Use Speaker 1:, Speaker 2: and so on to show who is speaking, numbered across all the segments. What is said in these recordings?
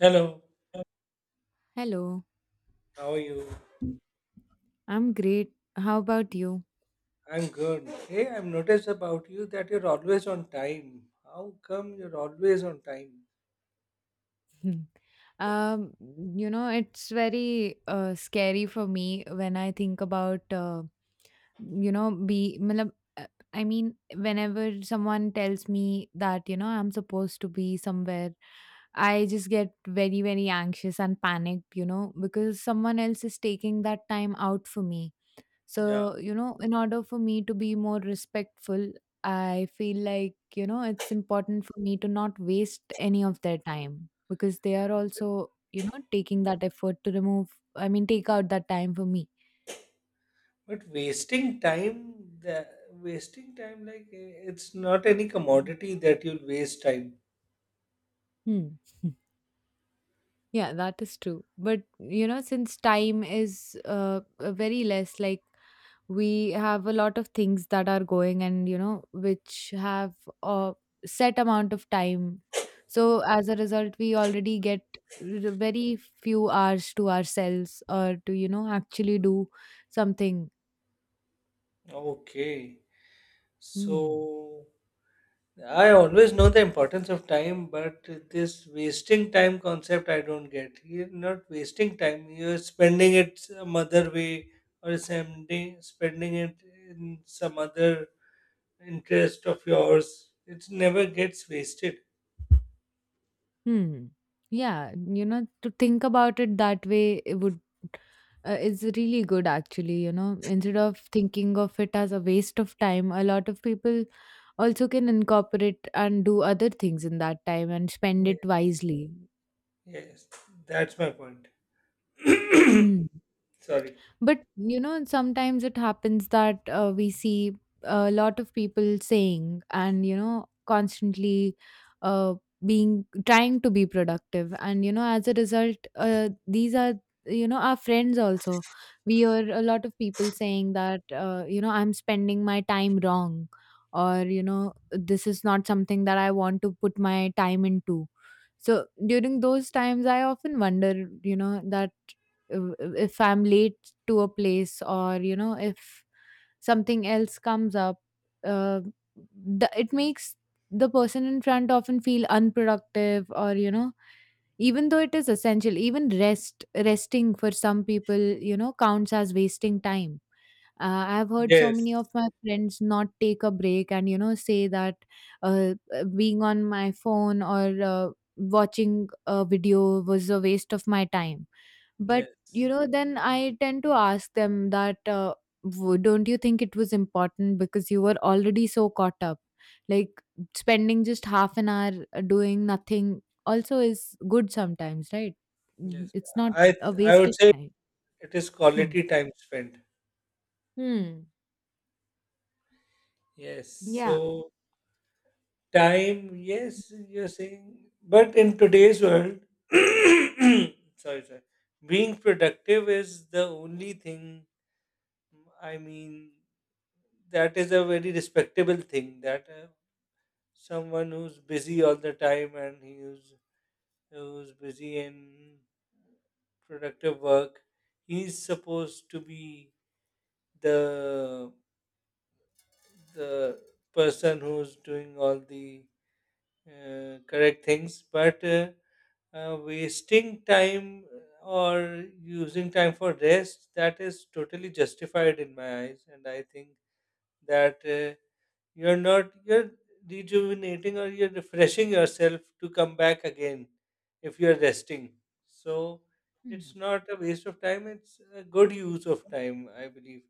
Speaker 1: Hello,
Speaker 2: Hello,
Speaker 1: how are you?
Speaker 2: I'm great. How about you?
Speaker 1: I'm good. Hey, I've noticed about you that you're always on time. How come you're always on time?
Speaker 2: Hmm. Um, you know, it's very scary for me when I think about, you know, be. Matlab, I mean, whenever someone tells me that, you know, I'm supposed to be somewhere, I just get very, very anxious and panicked, you know, because someone else is taking that time out for me.
Speaker 1: Yeah.
Speaker 2: So, you know, in order for me to be more respectful, I feel like, you know, it's important for me to not waste any of their time because they are also, you know, taking that effort to take out that time for me.
Speaker 1: But wasting time, the wasting time like it's not any commodity that you'll waste time.
Speaker 2: Hmm. Yeah, that is true. But you know, since time is very less, like we have a lot of things that are going and, you know, which have a set amount of time. So as a result, we already get very few hours to ourselves or to, you know, actually do something.
Speaker 1: Okay.
Speaker 2: Hmm.
Speaker 1: So I always know the importance of time, but this wasting time concept I don't get. You're not wasting time, you're spending it some other way or spending it in some other interest of yours. It never gets wasted.
Speaker 2: Hmm. Yeah, you know, to think about it that way, it would is really good actually. You know, instead of thinking of it as a waste of time, a lot of people also can incorporate and do other things in that time and spend
Speaker 1: Ye-
Speaker 2: it wisely.
Speaker 1: Yes, that's my point.
Speaker 2: Hmm.
Speaker 1: Sorry.
Speaker 2: But you know, sometimes it happens that we see a lot of people saying and, you know, constantly uh, being trying to be productive, and you know, as a result, these are, you know, our friends also. We hear a lot of people saying that, you know, I'm spending my time wrong, or you know, this is not something that I want to put my time into. So during those times, I often wonder, you know, that uh, if I'm late to a place, or you know, if something else comes up, uh, it makes the person in front often feel unproductive, or you know, even though it is essential, even resting for some people, you know, counts as wasting time. I've heard so
Speaker 1: Yes,
Speaker 2: many of my friends not take a break, and you know, say that being on my phone or watching a video was a waste of my time. But you
Speaker 1: yes,
Speaker 2: know, then I tend to ask them that, don't you think it was important because you were already so caught up, like spending just half an hour doing nothing also is good sometimes, right? Mhm.
Speaker 1: yes.
Speaker 2: It's not
Speaker 1: I
Speaker 2: a
Speaker 1: I
Speaker 2: waste
Speaker 1: would
Speaker 2: of
Speaker 1: say
Speaker 2: time.
Speaker 1: it is
Speaker 2: Hmm.
Speaker 1: quality time spent.
Speaker 2: Hmm.
Speaker 1: Yes.
Speaker 2: Yeah.
Speaker 1: So time, yes, you're saying, but in today's world, sorry, sorry, being productive is the only thing. I mean, that is a very respectable thing. That someone who's busy all the time and who's busy in productive work, he's supposed to be the the person who's doing all the correct things. But. Wasting time or using time for rest, that is totally justified in my eyes, and I think that you're not you're rejuvenating, or you're refreshing yourself to come back again if you're resting. So it's
Speaker 2: Hmm.
Speaker 1: not a waste of time, it's a good use of time, I believe.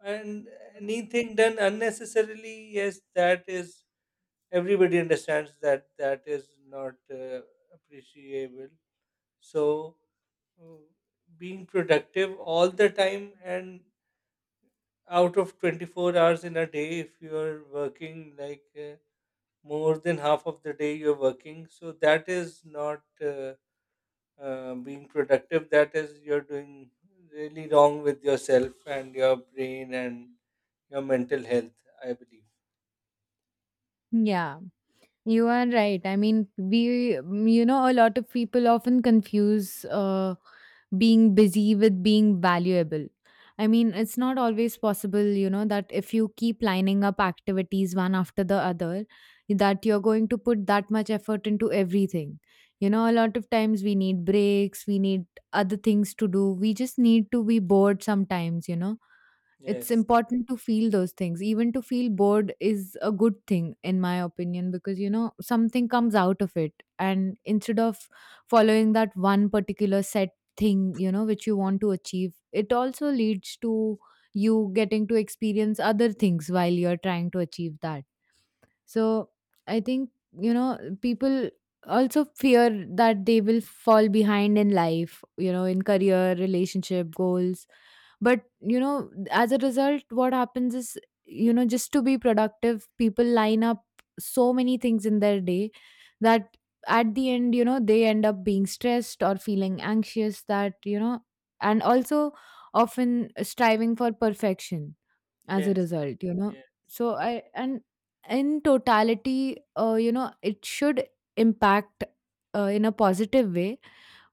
Speaker 1: And anything done unnecessarily, yes, that is, everybody understands that that is not appreciable. so, uh, Being productive all the time, and out of 24 hours in a day, if you're working like more than half of the day, you're working. So that is not being productive. That is, you're doing really wrong with yourself and your brain and your mental health, I believe.
Speaker 2: Yeah. You are right. I mean, you know, a lot of people often confuse being busy with being valuable. I mean, it's not always possible, you know, that if you keep lining up activities one after the other, that you're going to put that much effort into everything. You know, a lot of times we need breaks, we need other things to do. We just need to be bored sometimes, you know, it's
Speaker 1: Yes.
Speaker 2: important to feel those things. Even to feel bored is a good thing, in my opinion, because you know, something comes out of it. And instead of following that one particular set thing, you know, which you want to achieve, it also leads to you getting to experience other things while you're trying to achieve that. So I think, you know, people also fear that they will fall behind in life, you know, in career, relationship, goals. But, you know, as a result, what happens is, you know, just to be productive, people line up so many things in their day that at the end, you know, they end up being stressed or feeling anxious that, you know, and also often striving for perfection as a
Speaker 1: Yes.
Speaker 2: result, you know.
Speaker 1: Yeah.
Speaker 2: So I and in totality, you know, it should impact in a positive way,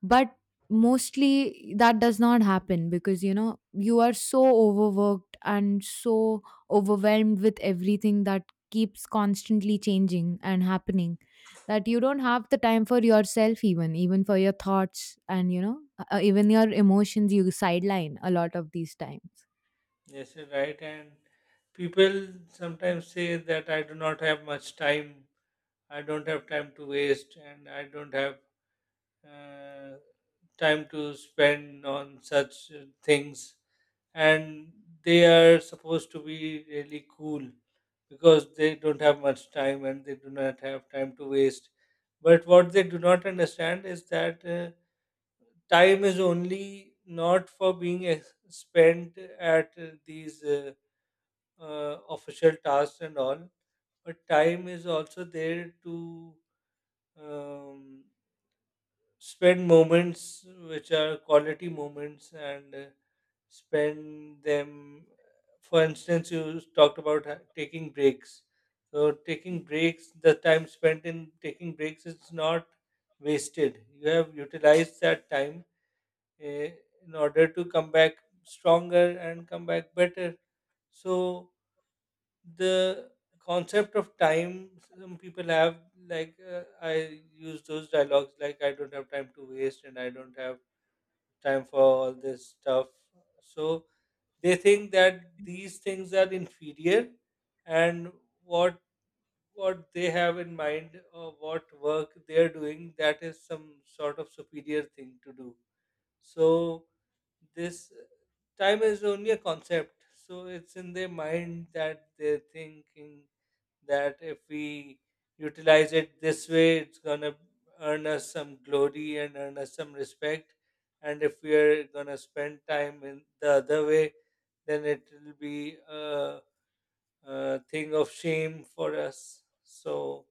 Speaker 2: but mostly that does not happen because you know, you are so overworked and so overwhelmed with everything that keeps constantly changing and happening, that you don't have the time for yourself, even for your thoughts, and you know, even your emotions you sideline a lot of these times.
Speaker 1: Yes, you're right. And people sometimes say that I do not have much time, I don't have time to waste, and I don't have uh, time to spend on such things. And they are supposed to be really cool because they don't have much time and they do not have time to waste. But what they do not understand is that time is only not for being spent at these official tasks and all, but time is also there to um, spend moments which are quality moments, and spend them. For instance, you talked about taking breaks. So taking
Speaker 2: Mm,
Speaker 1: breaks, the time spent in taking breaks is not wasted. You have utilized that time, eh, in order to come back stronger and come back better. So the concept of time some people have, like I use those dialogues like I don't have time to waste and I don't have time for all this stuff. So they think that these things are inferior, and what what they have in mind or what work they're doing, that is some sort of superior thing to do. So this time is only a concept, so it's in their mind that they're thinking that if we utilize it this way, it's going to earn us some glory and earn us some respect. And if we are going to spend time in the other way, then it will be a thing of shame for us. So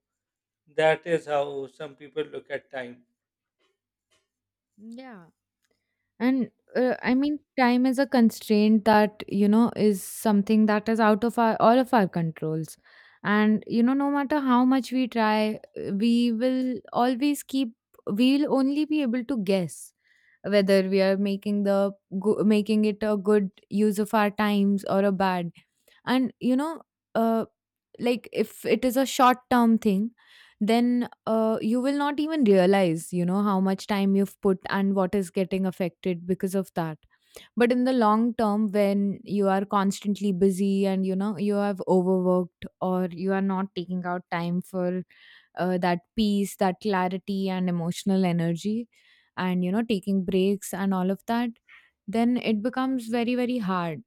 Speaker 1: that is how some people look at time.
Speaker 2: yeah. And I mean, time is a constraint that, you know, is something that is out of our all of our controls. And, you know, no matter how much we try, we will always keep, we'll only be able to guess whether we are making the making it a good use of our times or a bad. And you know, uh, like if it is a short term thing, then you will not even realize, you know, how much time you've put and what is getting affected because of that. But in the long term, when you are constantly busy and you know, you have overworked, or you are not taking out time for that peace, that clarity, and emotional energy, and you know, taking breaks and all of that, then it becomes very, very hard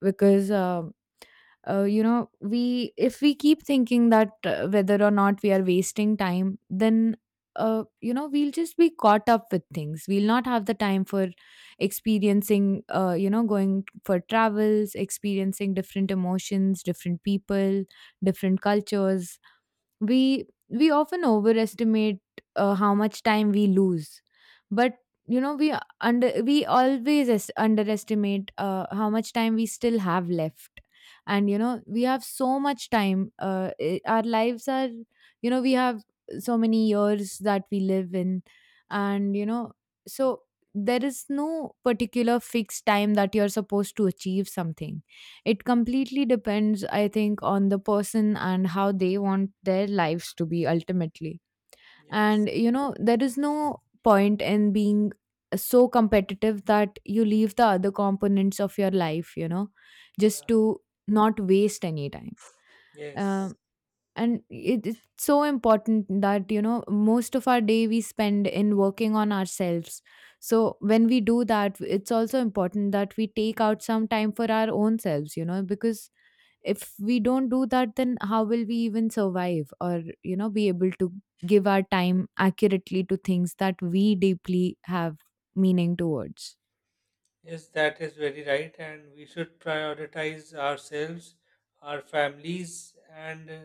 Speaker 2: because. You know, we if we keep thinking that whether or not we are wasting time, then you know, we'll just be caught up with things, we'll not have the time for experiencing, you know, going for travels, experiencing different emotions, different people, different cultures. We often overestimate how much time we lose, but you know, we under we always underestimate how much time we still have left. And you know, we have so much time, our lives are, you know, we have so many years that we live in. And you know, so there is no particular fixed time that you're supposed to achieve something. It completely depends, I think, on the person and how they want their lives to be ultimately.
Speaker 1: Yes.
Speaker 2: And, you know, there is no point in being so competitive that you leave the other components of your life, you know, just
Speaker 1: Yeah.
Speaker 2: to not waste any time.
Speaker 1: Yes.
Speaker 2: Um, and it's so important that you know, most of our day we spend in working on ourselves. So when we do that, it's also important that we take out some time for our own selves, you know, because if we don't do that, then how will we even survive or, you know, be able to give our time accurately to things that we deeply have meaning towards.
Speaker 1: Yes, that is very right. And we should prioritize ourselves, our families, and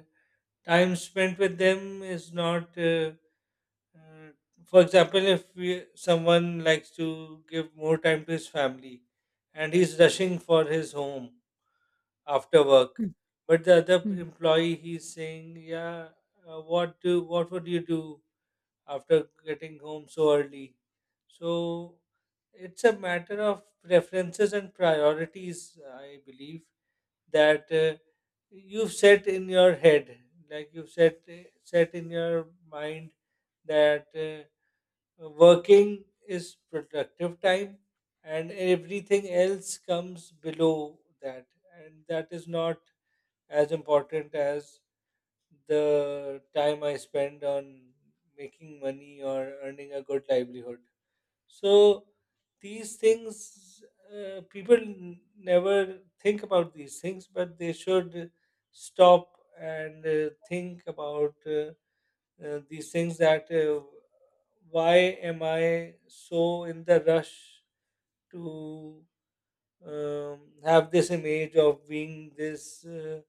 Speaker 1: time spent with them is not uh, for example, if we, someone likes to give more time to his family and he's rushing for his home after work,
Speaker 2: Hmm,
Speaker 1: but the other
Speaker 2: hmm,
Speaker 1: employee he's saying, yeah, what do what would you do after getting home so early? So it's a matter of preferences and priorities, I believe, that you've set in your head, like you've set in your mind that working is productive time, and everything else comes below that, and that is not as important as the time I spend on making money or earning a good livelihood. So these things, people never think about these things, but they should stop and think about these things, that why am I so in the rush to have this image of being this uh,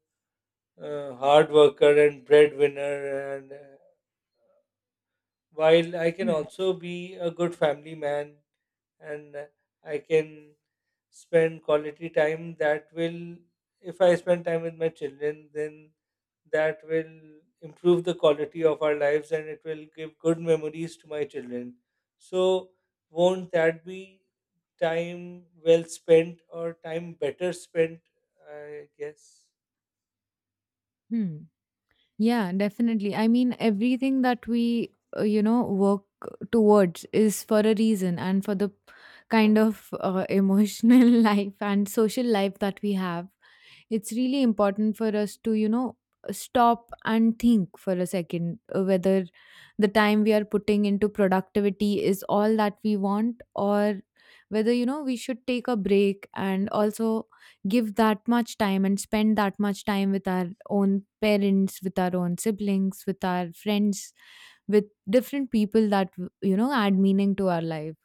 Speaker 1: uh, hard worker and breadwinner, and while I can
Speaker 2: hmm,
Speaker 1: also be a good family man, and I can spend quality time that will, if I spend time with my children, then that will improve the quality of our lives and it will give good memories to my children. So, won't that be time well spent or time better spent? I guess.
Speaker 2: hmm. Yeah, definitely. I mean, everything that we you know, work towards is for a reason, and for the kind of emotional life and social life that we have, it's really important for us to, you know, stop and think for a second whether the time we are putting into productivity is all that we want, or whether you know, we should take a break and also give that much time and spend that much time with our own parents, with our own siblings, with our friends, with different people that, you know, add meaning to our life.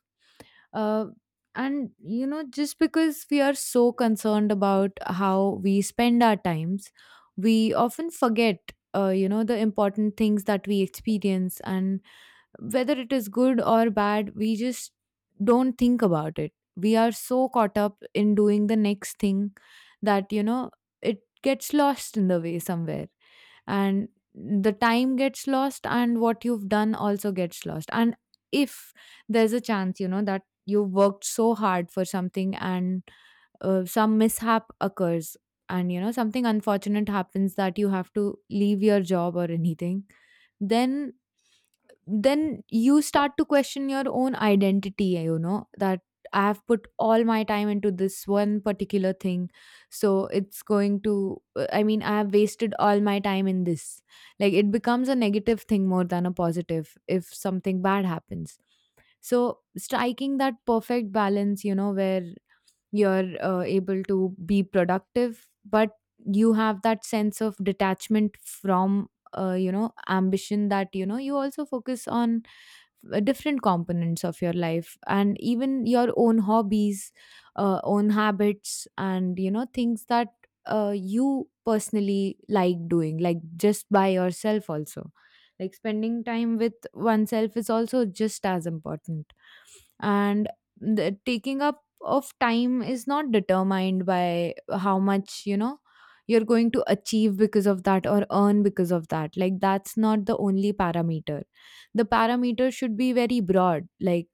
Speaker 2: uh, and you know, just because we are so concerned about how we spend our times, we often forget, you know, the important things that we experience. And whether it is good or bad, we just don't think about it. We are so caught up in doing the next thing, that you know, it gets lost in the way somewhere. And the time gets lost, and what you've done also gets lost. And if there's a chance, you know, that you worked so hard for something, and some mishap occurs, and you know, something unfortunate happens, that you have to leave your job or anything, then then you start to question your own identity, you know, that I have put all my time into this one particular thing, so it's going to, I mean, I have wasted all my time in this. Like it becomes a negative thing more than a positive if something bad happens. So striking that perfect balance, you know, where you're able to be productive, but you have that sense of detachment from, you know, ambition, that you know, you also focus on different components of your life and even your own hobbies, own habits, and you know, things that you personally like doing, like just by yourself also, like spending time with oneself is also just as important. And the taking up of time is not determined by how much, you know, you're going to achieve because of that, or earn because of that. Like that's not the only parameter. The parameters should be very broad, like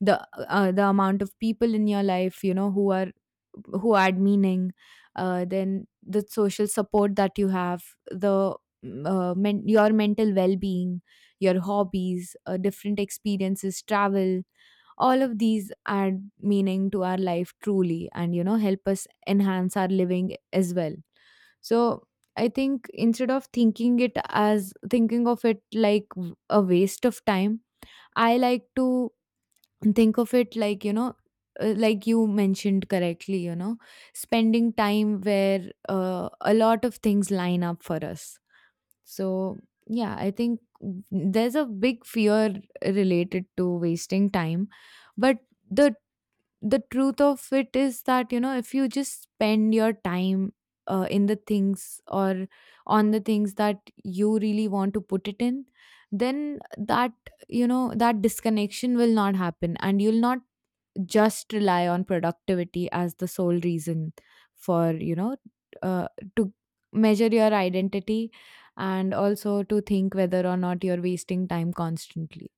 Speaker 2: the the amount of people in your life, you know, who are who add meaning, then the social support that you have, the your mental well-being, your hobbies, different experiences, travel, all of these add meaning to our life truly, and you know, help us enhance our living as well. So I think instead of thinking of it like a waste of time, I like to think of it like, you know, like you mentioned correctly, you know, spending time where a lot of things line up for us. So, yeah, I think there's a big fear related to wasting time. But the the truth of it is that you know, if you just spend your time in the things or on the things that you really want to put it in, then that, you know, that disconnection will not happen, and you'll not just rely on productivity as the sole reason for, you know, uh, to measure your identity, and also to think whether or not you're wasting time constantly.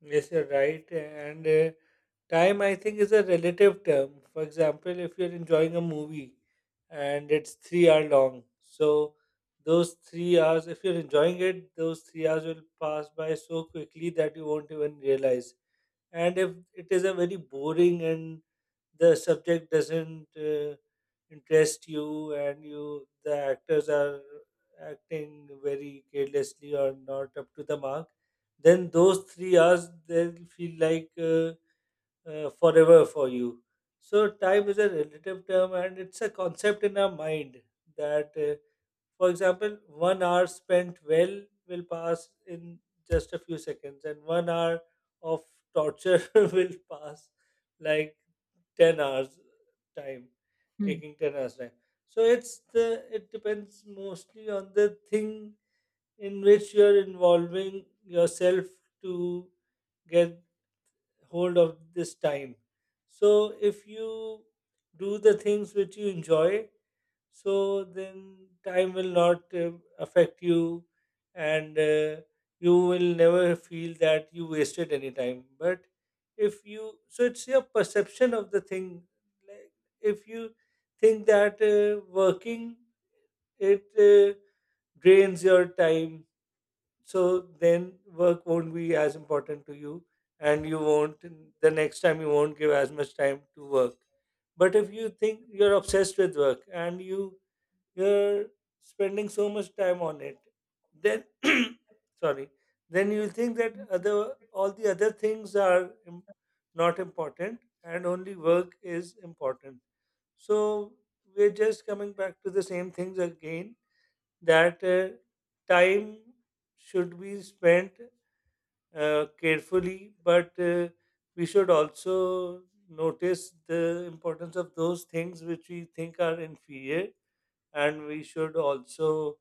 Speaker 1: Yes, you're right. And time, I think, is a relative term. For example, if you're enjoying a movie and it's 3 hour long, so those 3 hours, if you're enjoying it, those 3 hours will pass by so quickly that you won't even realize. And if it is a very boring and the subject doesn't interest you, and you the actors are acting very carelessly or not up to the mark, then those 3 hours they'll feel like forever for you. So time is a relative term and it's a concept in our mind that for example, 1 hour spent well will pass in just a few seconds, and 1 hour of torture will pass like 10 hours time,
Speaker 2: Hmm.
Speaker 1: taking 10 hours time. So it's the, it depends mostly on the thing in which you are involving yourself to get hold of this time. So if you do the things which you enjoy, so then time will not affect you, and you will never feel that you wasted any time. But if you, so it's your perception of the thing. Like, if you think that working, it drains your time, so then work won't be as important to you, and you won't, the next time you won't give as much time to work. But if you think you're obsessed with work and you you're spending so much time on it, then sorry, then you think that other all the other things are not important and only work is important. So we're just coming back to the same things again, that time should be spent carefully, but we should also notice the importance of those things which we think are inferior, and we should also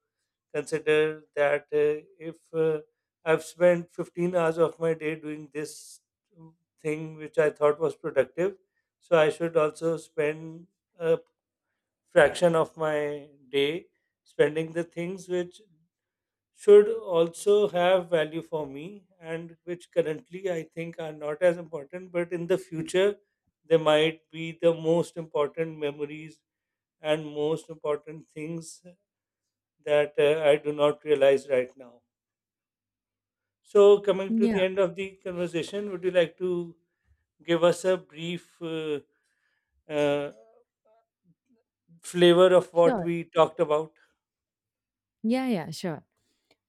Speaker 1: consider that if I've spent 15 hours of my day doing this thing which I thought was productive, so I should also spend a fraction of my day spending the things which should also have value for me and which currently I think are not as important, but in the future they might be the most important memories and most important things that I do not realize right now. So, coming to the
Speaker 2: Yeah,
Speaker 1: end of the conversation, would you like to give us a brief uh, flavor of what
Speaker 2: sure.
Speaker 1: we talked about?
Speaker 2: Yeah, sure.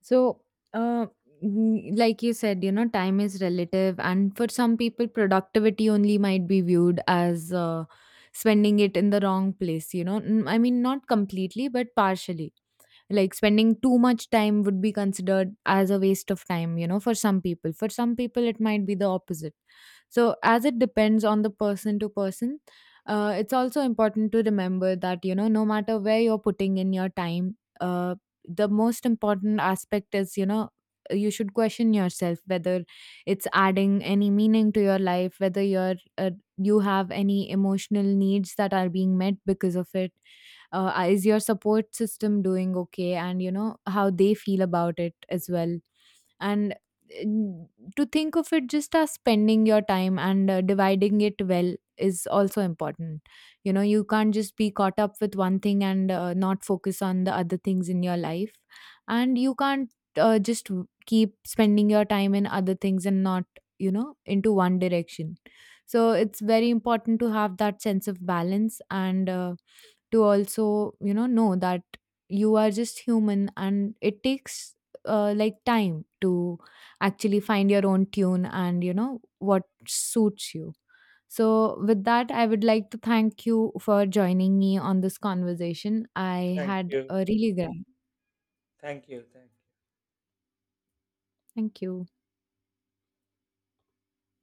Speaker 2: So, uh, like you said, you know, time is relative, and for some people, productivity only might be viewed as spending it in the wrong place. You know, I mean, not completely, but partially. Like spending too much time would be considered as a waste of time, you know, for some people. For some people it might be the opposite. So as it depends on the person to person. It's also important to remember that you know, no matter where you're putting in your time, the most important aspect is, you know, you should question yourself whether it's adding any meaning to your life, whether you're you have any emotional needs that are being met because of it. Is your support system doing okay, and you know, how they feel about it as well. And mm, to think of it just as spending your time, and dividing it well is also important. You know, you can't just be caught up with one thing and not focus on the other things in your life. And you can't keep spending your time in other things and not, you know, into one direction. So it's very important to have that sense of balance, and to also, you know that you are just human, and it takes like time to actually find your own tune, and you know, what suits you. So, with that, I would like to thank you for joining me on this conversation. I
Speaker 1: Thank
Speaker 2: had
Speaker 1: you.
Speaker 2: a really great
Speaker 1: Thank you. Thank you.
Speaker 2: thank you.